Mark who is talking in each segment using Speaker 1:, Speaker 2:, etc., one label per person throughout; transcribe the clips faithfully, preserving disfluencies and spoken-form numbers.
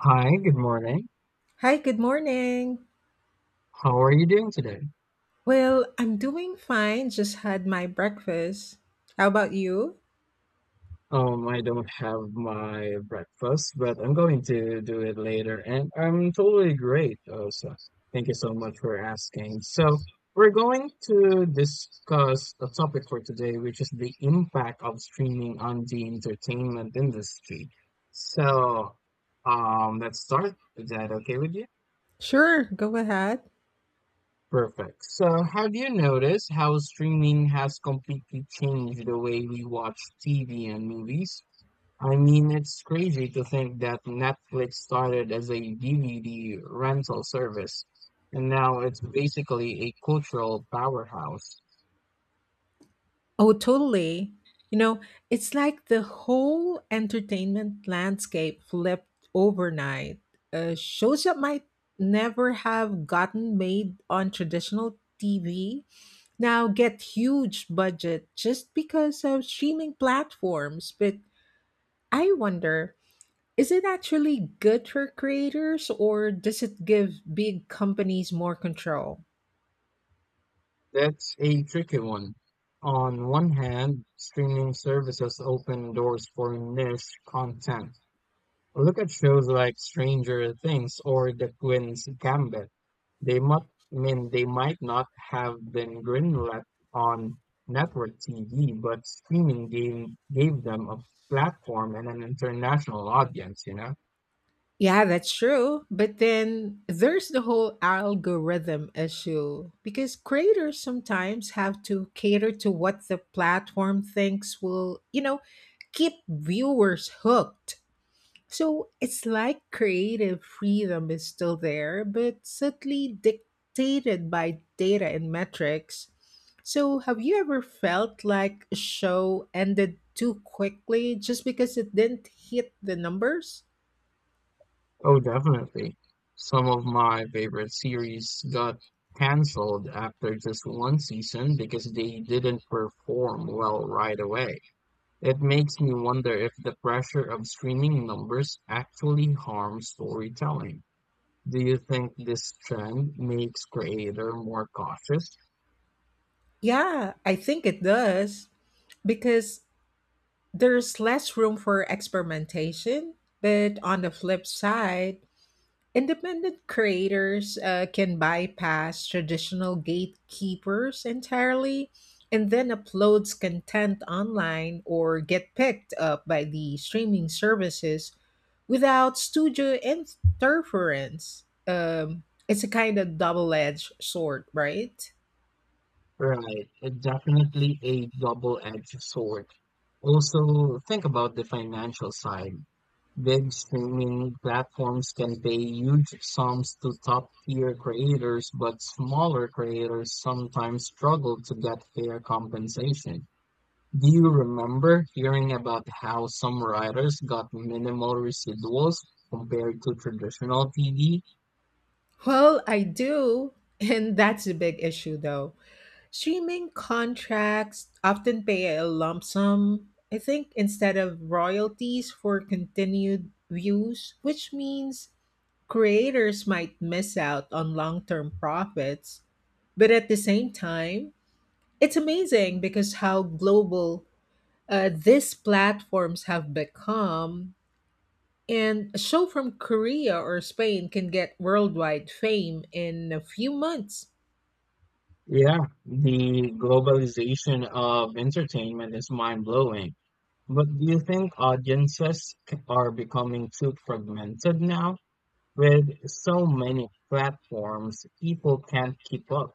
Speaker 1: Hi, good morning.
Speaker 2: Hi, good morning.
Speaker 1: How are you doing today?
Speaker 2: Well, I'm doing fine. Just had my breakfast. How about you?
Speaker 1: Um, I don't have my breakfast, but I'm going to do it later, and I'm totally great also. Thank you so much for asking. So, we're going to discuss a topic for today, which is the impact of streaming on the entertainment industry. So, um, let's start. Is that okay with you?
Speaker 2: Sure, go ahead.
Speaker 1: Perfect. So, have you noticed how streaming has completely changed the way we watch T V and movies? I mean, it's crazy to think that Netflix started as a D V D rental service, and now it's basically a cultural powerhouse.
Speaker 2: Oh, totally. You know, it's like the whole entertainment landscape flipped overnight. Uh, shows that might never have gotten made on traditional T V now get huge budget just because of streaming platforms. But I wonder, is it actually good for creators, or does it give big companies more control?
Speaker 1: That's a tricky one. On one hand, streaming services open doors for niche content. Look at shows like Stranger Things or The Queen's Gambit. They might, I mean, they might not have been greenlit on network T V, but streaming game gave them a platform and an international audience, you know?
Speaker 2: Yeah, that's true. But then there's the whole algorithm issue because creators sometimes have to cater to what the platform thinks will, you know, keep viewers hooked. So it's like creative freedom is still there, but subtly dictated by data and metrics. So have you ever felt like a show ended too quickly just because it didn't hit the numbers?
Speaker 1: Oh, definitely. Some of my favorite series got canceled after just one season because they didn't perform well right away. It makes me wonder if the pressure of streaming numbers actually harms storytelling. Do you think this trend makes creator more cautious?
Speaker 2: Yeah, I think it does because there's less room for experimentation. But on the flip side, independent creators uh, can bypass traditional gatekeepers entirely and then uploads content online or get picked up by the streaming services without studio interference. Um, it's a kind of double edged sword, right?
Speaker 1: Right, it's definitely a double-edged sword. Also, think about the financial side. Big streaming platforms can pay huge sums to top-tier creators, but smaller creators sometimes struggle to get fair compensation. Do you remember hearing about how some writers got minimal residuals compared to traditional T V?
Speaker 2: Well, I do. And that's a big issue, though. Streaming contracts often pay a lump sum, I think, instead of royalties for continued views, which means creators might miss out on long term profits. But at the same time, it's amazing because how global uh, these platforms have become. And a show from Korea or Spain can get worldwide fame in a few months.
Speaker 1: Yeah, the globalization of entertainment is mind-blowing. But do you think audiences c- are becoming too fragmented now? With so many platforms, people can't keep up.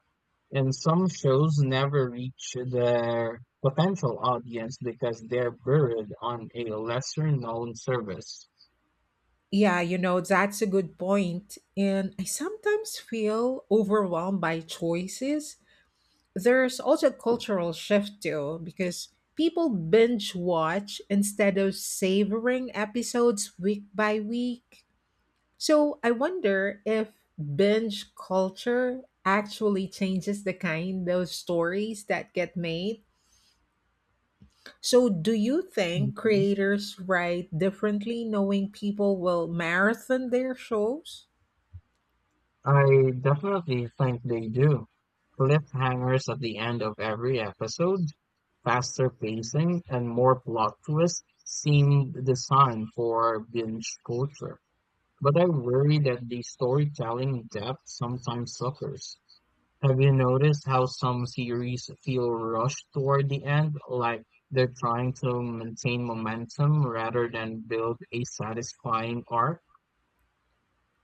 Speaker 1: And some shows never reach their potential audience because they're buried on a lesser known service.
Speaker 2: Yeah, you know, that's a good point. And I sometimes feel overwhelmed by choices. There's also a cultural shift too, because people binge watch instead of savoring episodes week by week. So I wonder if binge culture actually changes the kind of stories that get made. So, do you think
Speaker 1: Mhm.
Speaker 2: creators write differently knowing people will marathon their shows?
Speaker 1: I definitely think they do. Cliffhangers at the end of every episode, faster pacing, and more plot twists seem designed for binge culture. But I worry that the storytelling depth sometimes suffers. Have you noticed how some series feel rushed toward the end, like they're trying to maintain momentum rather than build a satisfying arc?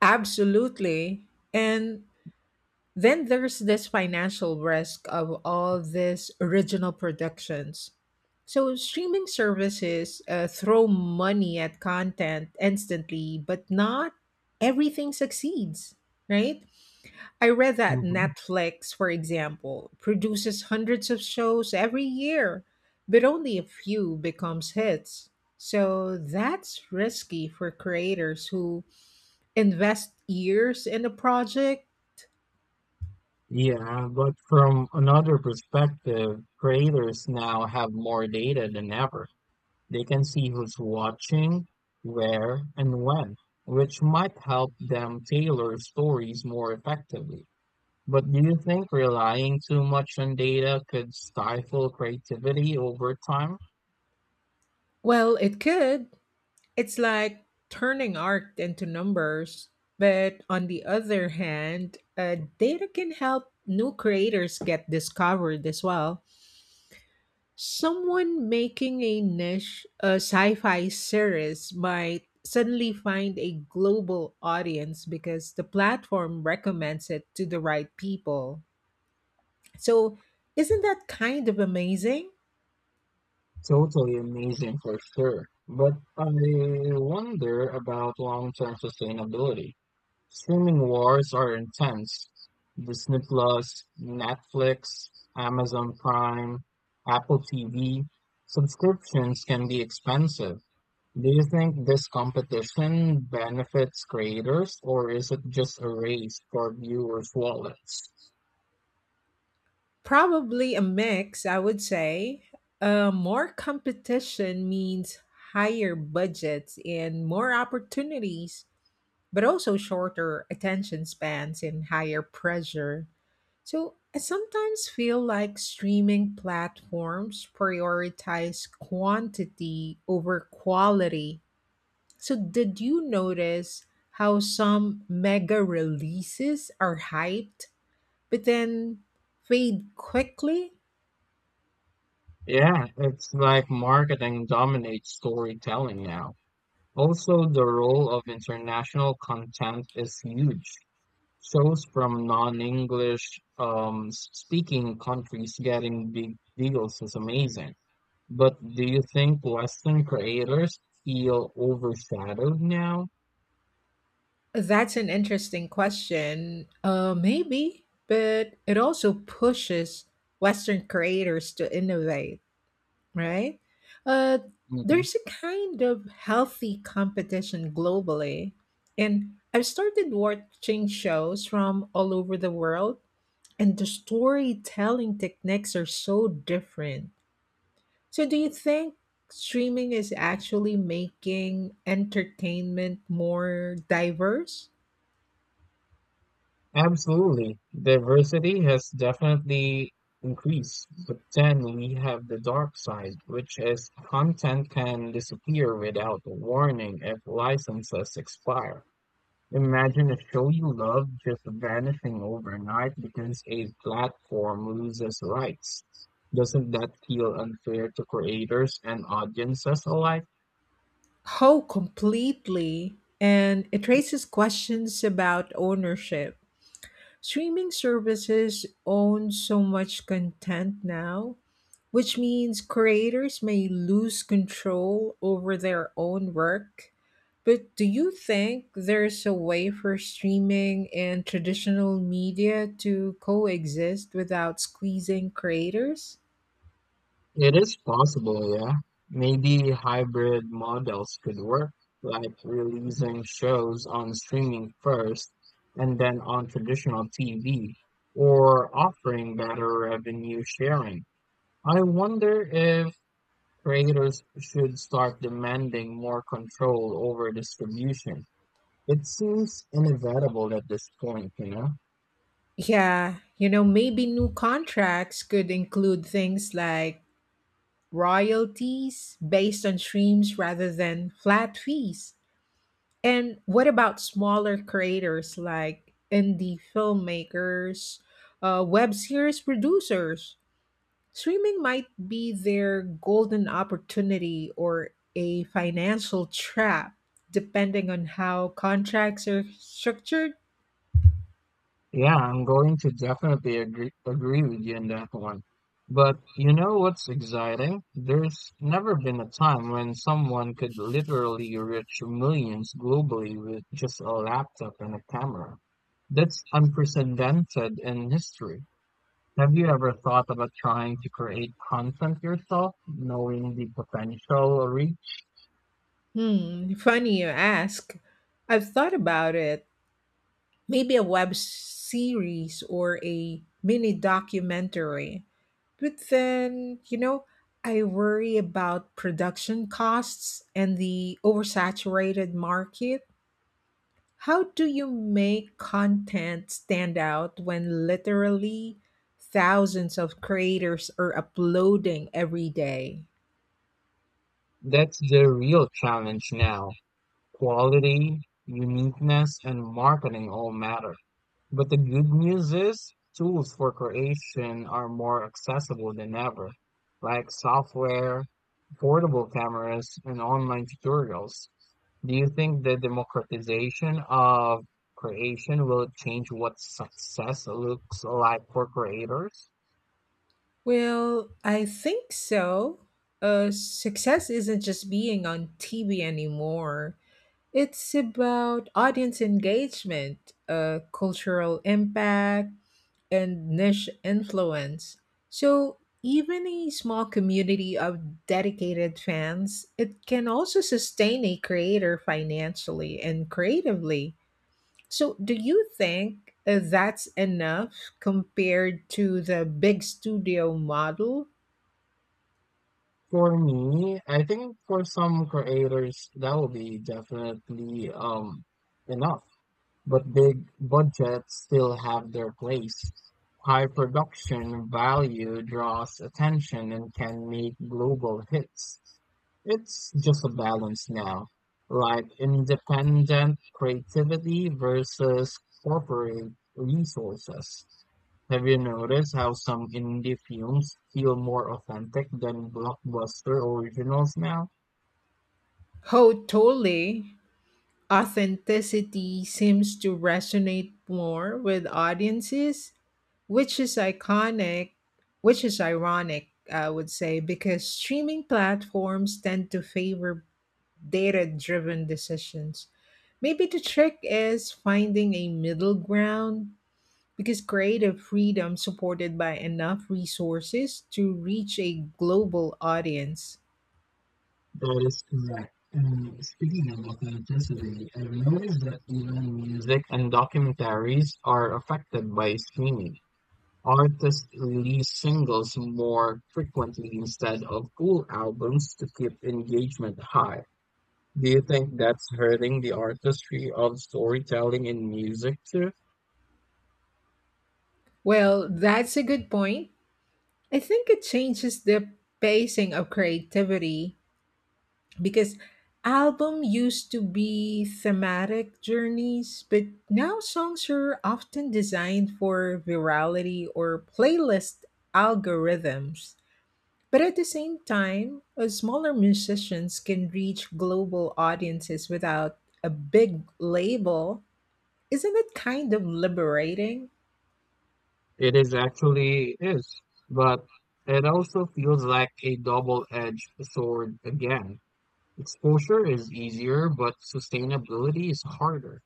Speaker 2: Absolutely. And then there's this financial risk of all these original productions. So streaming services uh, throw money at content instantly, but not everything succeeds, right? I read that
Speaker 1: Mhm.
Speaker 2: Netflix, for example, produces hundreds of shows every year, but only a few becomes hits. So that's risky for creators who invest years in a project?
Speaker 1: Yeah, but from another perspective, creators now have more data than ever. They can see who's watching, where, and when, which might help them tailor stories more effectively. But do you think relying too much on data could stifle creativity over time?
Speaker 2: Well, it could. It's like turning art into numbers. But on the other hand, uh, data can help new creators get discovered as well. Someone making a niche a sci fi series might suddenly find a global audience because the platform recommends it to the right people. So, isn't that kind of amazing?
Speaker 1: Totally amazing for sure. But I wonder about long-term sustainability. Streaming wars are intense. Disney Plus, Netflix, Amazon Prime, Apple T V. Subscriptions can be expensive. Do you think this competition benefits creators or is it just a race for viewers' wallets?
Speaker 2: Probably a mix, I would say. Uh, more competition means higher budgets and more opportunities, but also shorter attention spans and higher pressure. So I sometimes feel like streaming platforms prioritize quantity over quality. So, did you notice how some mega releases are hyped but then fade quickly?
Speaker 1: Yeah, it's like marketing dominates storytelling now. Also, the role of international content is huge. Shows from non-English um, speaking countries getting big deals is amazing. But do you think Western creators feel overshadowed now?
Speaker 2: That's an interesting question. Uh, maybe, but it also pushes Western creators to innovate, right? Uh,
Speaker 1: Hmm.
Speaker 2: there's a kind of healthy competition globally, and I've started watching shows from all over the world, and the storytelling techniques are so different. So, do you think streaming is actually making entertainment more diverse?
Speaker 1: Absolutely. Diversity has definitely increased, but then we have the dark side, which is content can disappear without a warning if licenses expire. Imagine a show you love just vanishing overnight because a platform loses rights. Doesn't that feel unfair to creators and audiences alike?
Speaker 2: Oh, completely. And it raises questions about ownership. Streaming services own so much content now, which means creators may lose control over their own work. But do you think there's a way for streaming and traditional media to coexist without squeezing creators?
Speaker 1: It is possible, yeah. Maybe hybrid models could work, like releasing shows on streaming first and then on traditional T V, or offering better revenue sharing. I wonder if Traders should start demanding more control over distribution. It seems inevitable at this point, you know?
Speaker 2: Yeah, you know, maybe new contracts could include things like royalties based on streams rather than flat fees. And what about smaller creators like indie filmmakers, uh, web series producers? Streaming might be their golden opportunity or a financial trap, depending on how contracts are structured.
Speaker 1: Yeah, I'm going to definitely agree, agree with you on that one. But you know what's exciting? There's never been a time when someone could literally reach millions globally with just a laptop and a camera. That's unprecedented in history. Have you ever thought about trying to create content yourself, knowing the potential reach?
Speaker 2: Hmm, funny you ask. I've thought about it. Maybe a web series or a mini documentary. But then, you know, I worry about production costs and the oversaturated market. How do you make content stand out when literally thousands of creators are uploading every day?
Speaker 1: That's the real challenge now. Quality, uniqueness, and marketing all matter. But the good news is, tools for creation are more accessible than ever, like software, portable cameras, and online tutorials. Do you think the democratization of creation will change what success looks like for creators?
Speaker 2: Well, I think so. Uh, success isn't just being on T V anymore. It's about audience engagement, uh, cultural impact, and niche influence. So, even a small community of dedicated fans, it can also sustain a creator financially and creatively. So, do you think uh, that's enough compared to the big studio model?
Speaker 1: For me, I think for some creators that will be definitely um enough. But big budgets still have their place. High production value draws attention and can make global hits. It's just a balance now, like independent creativity versus corporate resources. Have you noticed how some indie films feel more authentic than blockbuster originals now?
Speaker 2: Oh, totally. Authenticity seems to resonate more with audiences, which is iconic, which is ironic, I would say, because streaming platforms tend to favor data driven decisions. Maybe the trick is finding a middle ground because creative freedom supported by enough resources to reach a global audience.
Speaker 1: That is correct. And speaking of authenticity, I've noticed that even music Music and documentaries are affected by streaming. Artists release singles more frequently instead of full albums to keep engagement high. Do you think that's hurting the artistry of storytelling in music too?
Speaker 2: Well, that's a good point. I think it changes the pacing of creativity because album used to be thematic journeys, but now songs are often designed for virality or playlist algorithms. But at the same time, uh, smaller musicians can reach global audiences without a big label. Isn't it kind of liberating?
Speaker 1: It is actually is, but it also feels like a double-edged sword again. Exposure is easier, but sustainability is harder.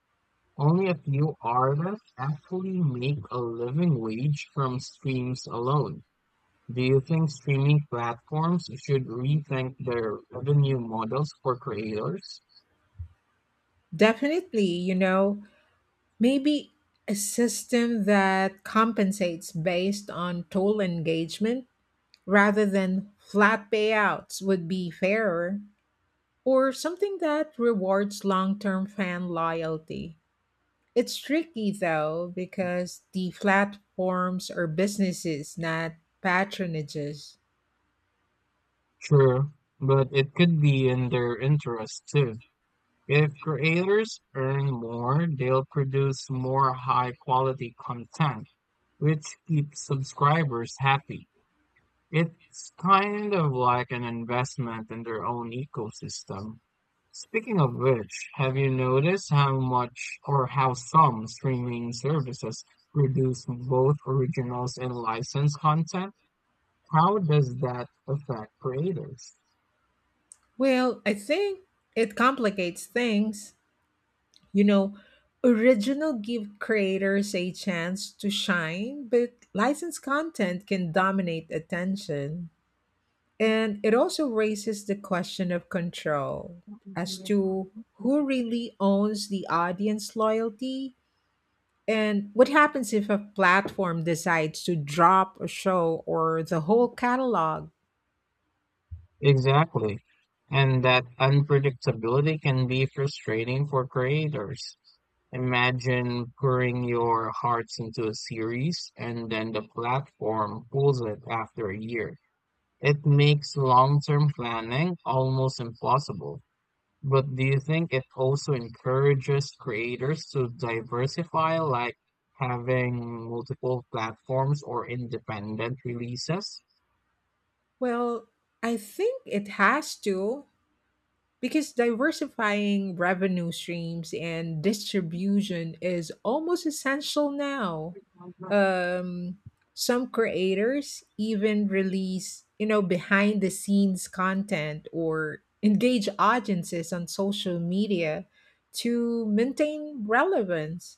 Speaker 1: Only a few artists actually make a living wage from streams alone. Do you think streaming platforms should rethink their revenue models for creators?
Speaker 2: Definitely, you know, maybe a system that compensates based on total engagement rather than flat payouts would be fairer, or something that rewards long term fan loyalty. It's tricky though because the platforms are businesses, not patronages.
Speaker 1: Sure, but it could be in their interest too. If creators earn more, they'll produce more high quality content, which keeps subscribers happy. It's kind of like an investment in their own ecosystem. Speaking of which, have you noticed how much or how some streaming services produce both originals and licensed content? How does that affect creators?
Speaker 2: Well, I think it complicates things. You know, original give creators a chance to shine, but licensed content can dominate attention. And it also raises the question of control as to who really owns the audience loyalty and what happens if a platform decides to drop a show or the whole catalog.
Speaker 1: Exactly. And that unpredictability can be frustrating for creators. Imagine pouring your hearts into a series and then the platform pulls it after a year. It makes long-term planning almost impossible. But do you think it also encourages creators to diversify, like having multiple platforms or independent releases?
Speaker 2: Well, I think it has to, because diversifying revenue streams and distribution is almost essential now. Um, some creators even release, you know, behind the scenes content or engage audiences on social media to maintain relevance.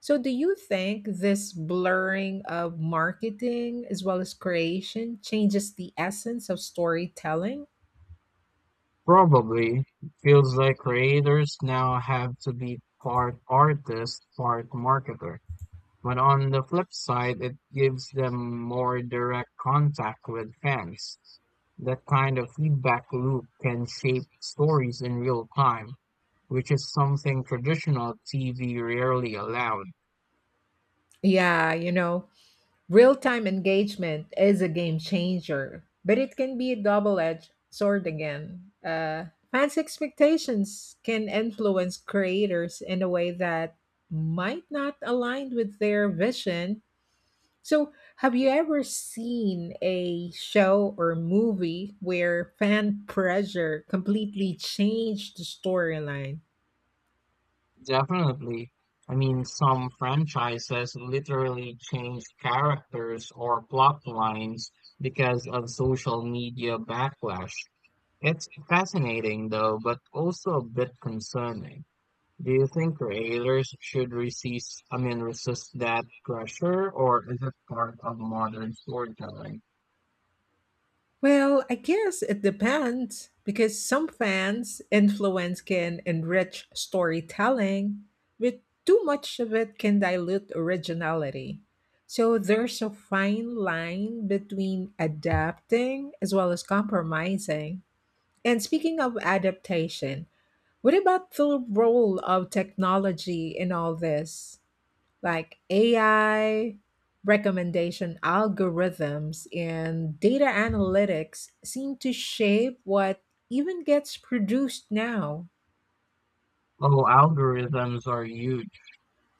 Speaker 2: So, do you think this blurring of marketing as well as creation changes the essence of storytelling?
Speaker 1: Probably. Feels like creators now have to be part artist, part marketer. But on the flip side, it gives them more direct contact with fans. That kind of feedback loop can shape stories in real time, which is something traditional T V rarely allowed.
Speaker 2: Yeah, you know, real time engagement is a game changer, but it can be a double edged sword again. Uh, fans' expectations can influence creators in a way that might not align with their vision. So, have you ever seen a show or movie where fan pressure completely changed the storyline?
Speaker 1: Definitely. I mean, some franchises literally changed characters or plot lines because of social media backlash. It's fascinating though, but also a bit concerning. Do you think creators should resist, I mean, resist that pressure, or is it part of modern storytelling?
Speaker 2: Well, I guess it depends because some fans' influence can enrich storytelling, but too much of it can dilute originality. So there's a fine line between adapting as well as compromising. And speaking of adaptation, what about the role of technology in all this? Like A I recommendation algorithms and data analytics seem to shape what even gets produced now.
Speaker 1: Oh, algorithms are huge.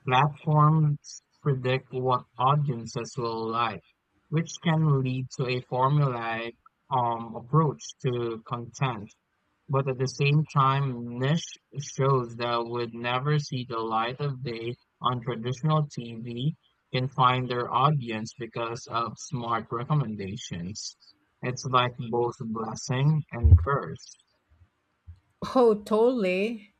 Speaker 1: Platforms predict what audiences will like, which can lead to a formulaic um, approach to content. But at the same time, niche shows that would never see the light of day on traditional T V can find their audience because of smart recommendations. It's like both a blessing and curse.
Speaker 2: Oh, totally.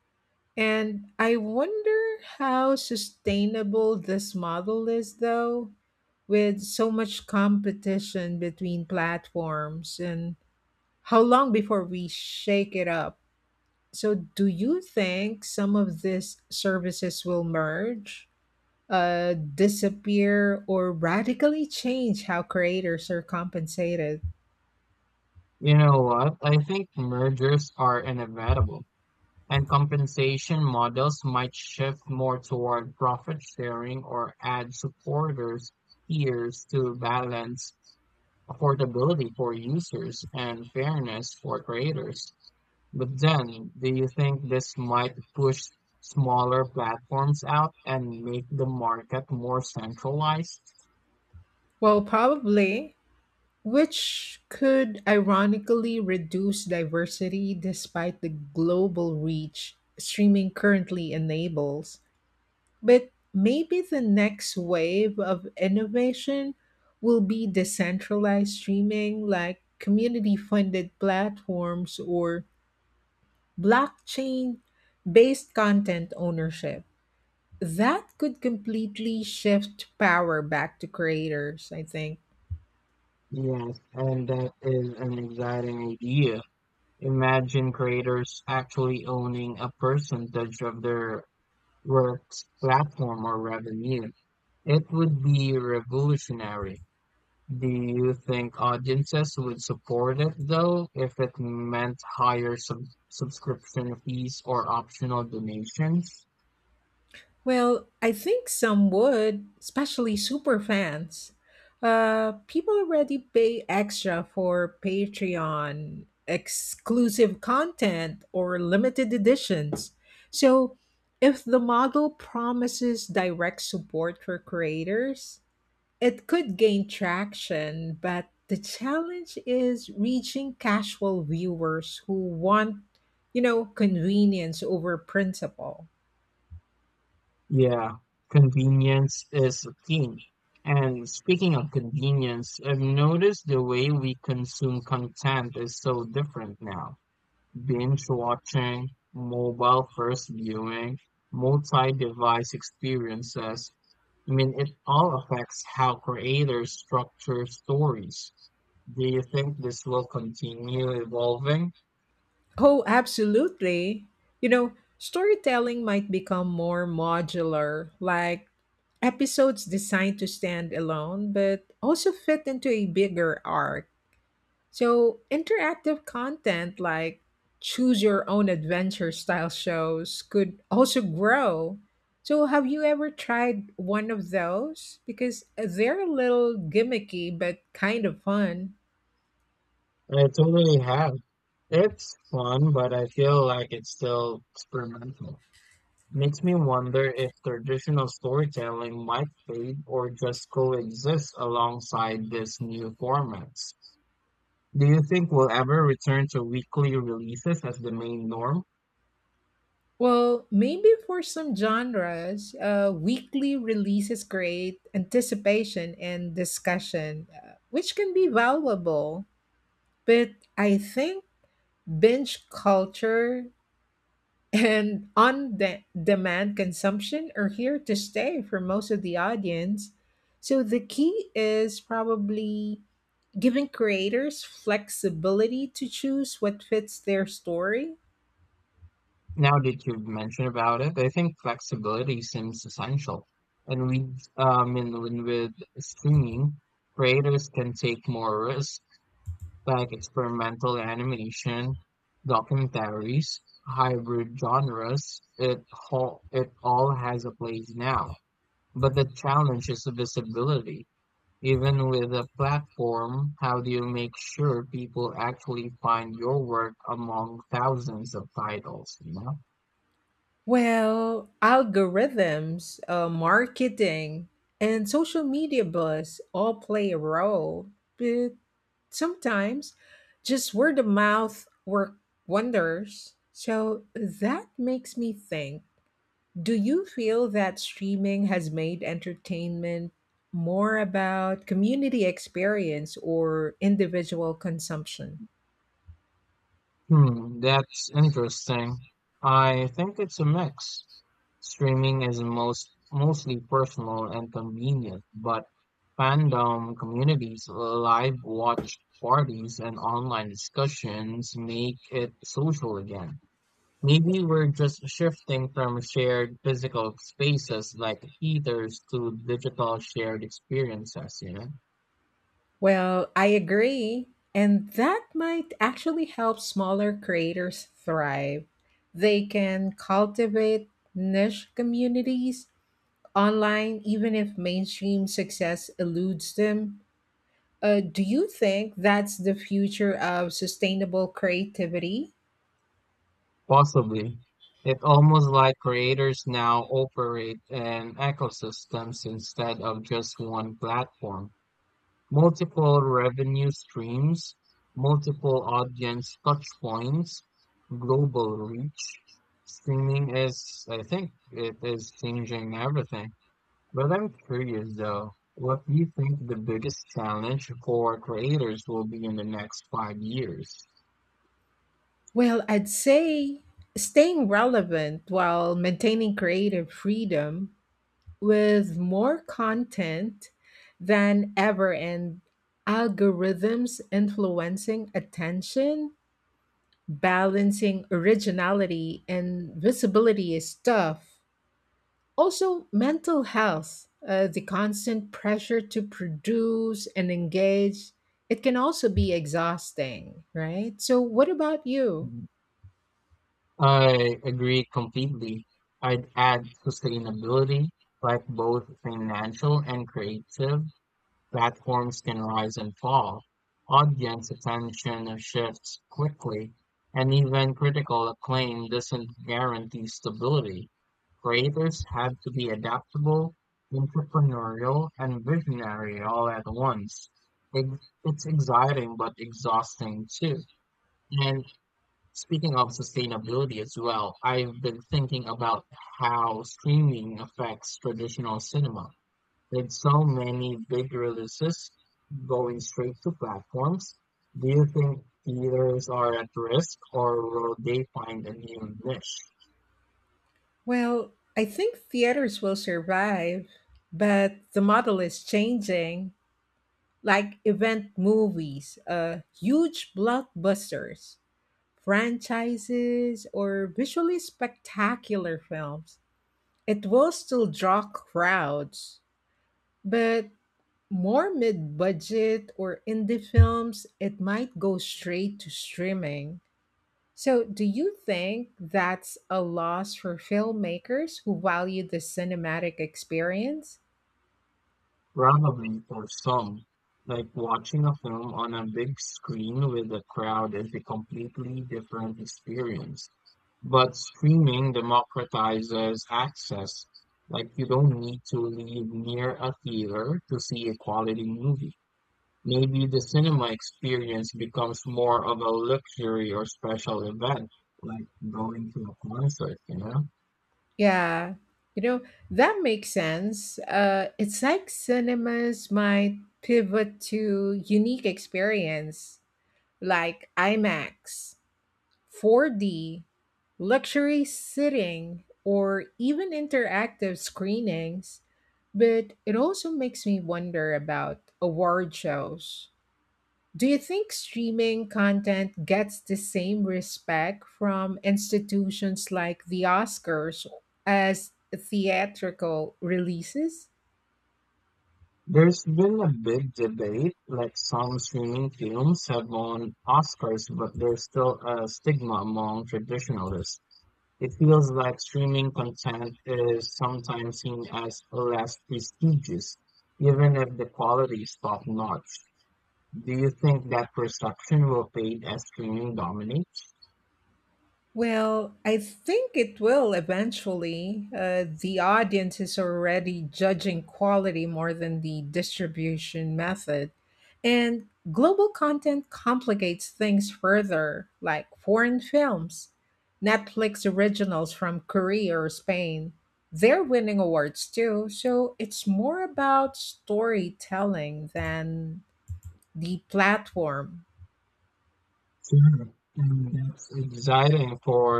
Speaker 2: And I wonder how sustainable this model is, though, with so much competition between platforms and how long before we shake it up. So, do you think some of these services will merge, uh, disappear, or radically change how creators are compensated?
Speaker 1: You know what? I think mergers are inevitable, and compensation models might shift more toward profit sharing or ad supporters tiers to balance affordability for users and fairness for creators. But then, do you think this might push smaller platforms out and make the market more centralized?
Speaker 2: Well, probably, which could ironically reduce diversity despite the global reach streaming currently enables. But maybe the next wave of innovation will be decentralized streaming like community funded platforms or blockchain based content ownership. That could completely shift power back to creators, I think.
Speaker 1: Yes, and that is an exciting idea. Imagine creators actually owning a percentage of their work's platform or revenue. It would be revolutionary. Do you think audiences would support it though if it meant higher sub subscription fees or optional donations?
Speaker 2: Well, I think some would, especially super fans. Uh, people already pay extra for Patreon exclusive content or limited editions. So, if the model promises direct support for creators, it could gain traction, but the challenge is reaching casual viewers who want, you know, convenience over principle.
Speaker 1: Yeah, convenience is king. And speaking of convenience, I've noticed the way we consume content is so different now. Binge watching, mobile first viewing, multi-device experiences. I mean, it all affects how creators structure stories. Do you think this will continue evolving?
Speaker 2: Oh, absolutely. You know, storytelling might become more modular, like episodes designed to stand alone, but also fit into a bigger arc. So, interactive content like choose your own adventure style shows could also grow. So, have you ever tried one of those? Because they're a little gimmicky but kind of fun.
Speaker 1: I totally have. It's fun, but I feel like it's still experimental. Makes me wonder if traditional storytelling might fade or just coexist alongside these new formats. Do you think we'll ever return to weekly releases as the main norm?
Speaker 2: Well, maybe for some genres, uh, weekly releases create anticipation and discussion, uh, which can be valuable. But I think binge culture and on de- demand consumption are here to stay for most of the audience. So the key is probably giving creators flexibility to choose what fits their story.
Speaker 1: Now that you've mentioned about it, I think flexibility seems essential. And we, um, in, when with streaming, creators can take more risks, like experimental animation, documentaries, hybrid genres. It all, it all has a place now. But the challenge is the visibility. Even with a platform, how do you make sure people actually find your work among thousands of titles, you know?
Speaker 2: Well, algorithms, uh, marketing, and social media buzz all play a role, but sometimes just word of mouth work wonders. So that makes me think, do you feel that streaming has made entertainment more about community experience or individual consumption?
Speaker 1: Hmm, that's interesting. I think it's a mix. Streaming is most mostly personal and convenient, but fandom communities, live watch parties, and online discussions make it social again. Maybe we're just shifting from shared physical spaces like theaters to digital shared experiences, you know?
Speaker 2: Well, I agree. And that might actually help smaller creators thrive. They can cultivate niche communities online, even if mainstream success eludes them. Uh, do you think that's the future of sustainable creativity?
Speaker 1: Possibly. It's almost like creators now operate in ecosystems instead of just one platform. Multiple revenue streams, multiple audience touchpoints, global reach. Streaming is, I think, It is changing everything. But I'm curious though, what do you think the biggest challenge for creators will be in the next five years?
Speaker 2: Well, I'd say staying relevant while maintaining creative freedom with more content than ever and algorithms influencing attention, balancing originality and visibility is tough. Also, mental health, uh, the constant pressure to produce and engage, it can also be exhausting, right? So, what about you?
Speaker 1: I agree completely. I'd add sustainability, like both financial and creative platforms can rise and fall. Audience attention shifts quickly, and even critical acclaim doesn't guarantee stability. Creators have to be adaptable, entrepreneurial, and visionary all at once. Ex- It's exciting but exhausting too. And speaking of sustainability as well, I've been thinking about how streaming affects traditional cinema. With so many big releases going straight to platforms, do you think theaters are at risk or will they find a new niche?
Speaker 2: Well, I think theaters will survive, but the model is changing. Like event movies, uh, huge blockbusters, franchises, or visually spectacular films. It will still draw crowds, but more mid budget or indie films, it might go straight to streaming. So, do you think that's a loss for filmmakers who value the cinematic experience?
Speaker 1: Probably for some. Like watching a film on a big screen with a crowd is a completely different experience. But streaming democratizes access. Like you don't need to live near a theater to see a quality movie. Maybe the cinema experience becomes more of a luxury or special event, like going to a concert, you know?
Speaker 2: Yeah, you know, that makes sense. Uh, it's like cinemas might pivot to unique experience like IMAX, four D, luxury sitting, or even interactive screenings. But it also makes me wonder about award shows. Do you think streaming content gets the same respect from institutions like the Oscars as theatrical releases?
Speaker 1: There's been a big debate, like some streaming films have won Oscars, but there's still a stigma among traditionalists. It feels like streaming content is sometimes seen as less prestigious, even if the quality is top-notch. Do you think that perception will fade as streaming dominates?
Speaker 2: Well, I think it will eventually. Uh, the audience is already judging quality more than the distribution method. And global content complicates things further, like foreign films, Netflix originals from Korea or Spain. They're winning awards too, so it's more about storytelling than the platform.
Speaker 1: Sure. And that's exciting for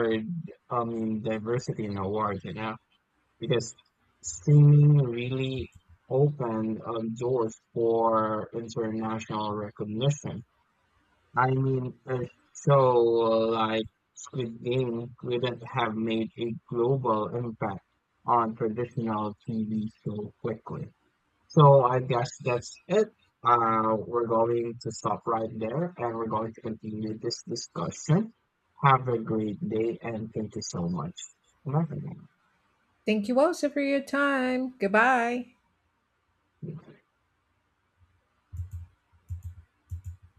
Speaker 1: um diversity in awards, you know, because streaming really opened um, doors for international recognition. I mean, a show like Squid Game wouldn't have made a global impact on traditional T V so quickly. So I guess that's it. Uh, we're going to stop right there and we're going to continue this discussion. Have a great day and thank you so much. Bye for
Speaker 2: Thank you also for your time. Goodbye.
Speaker 1: now.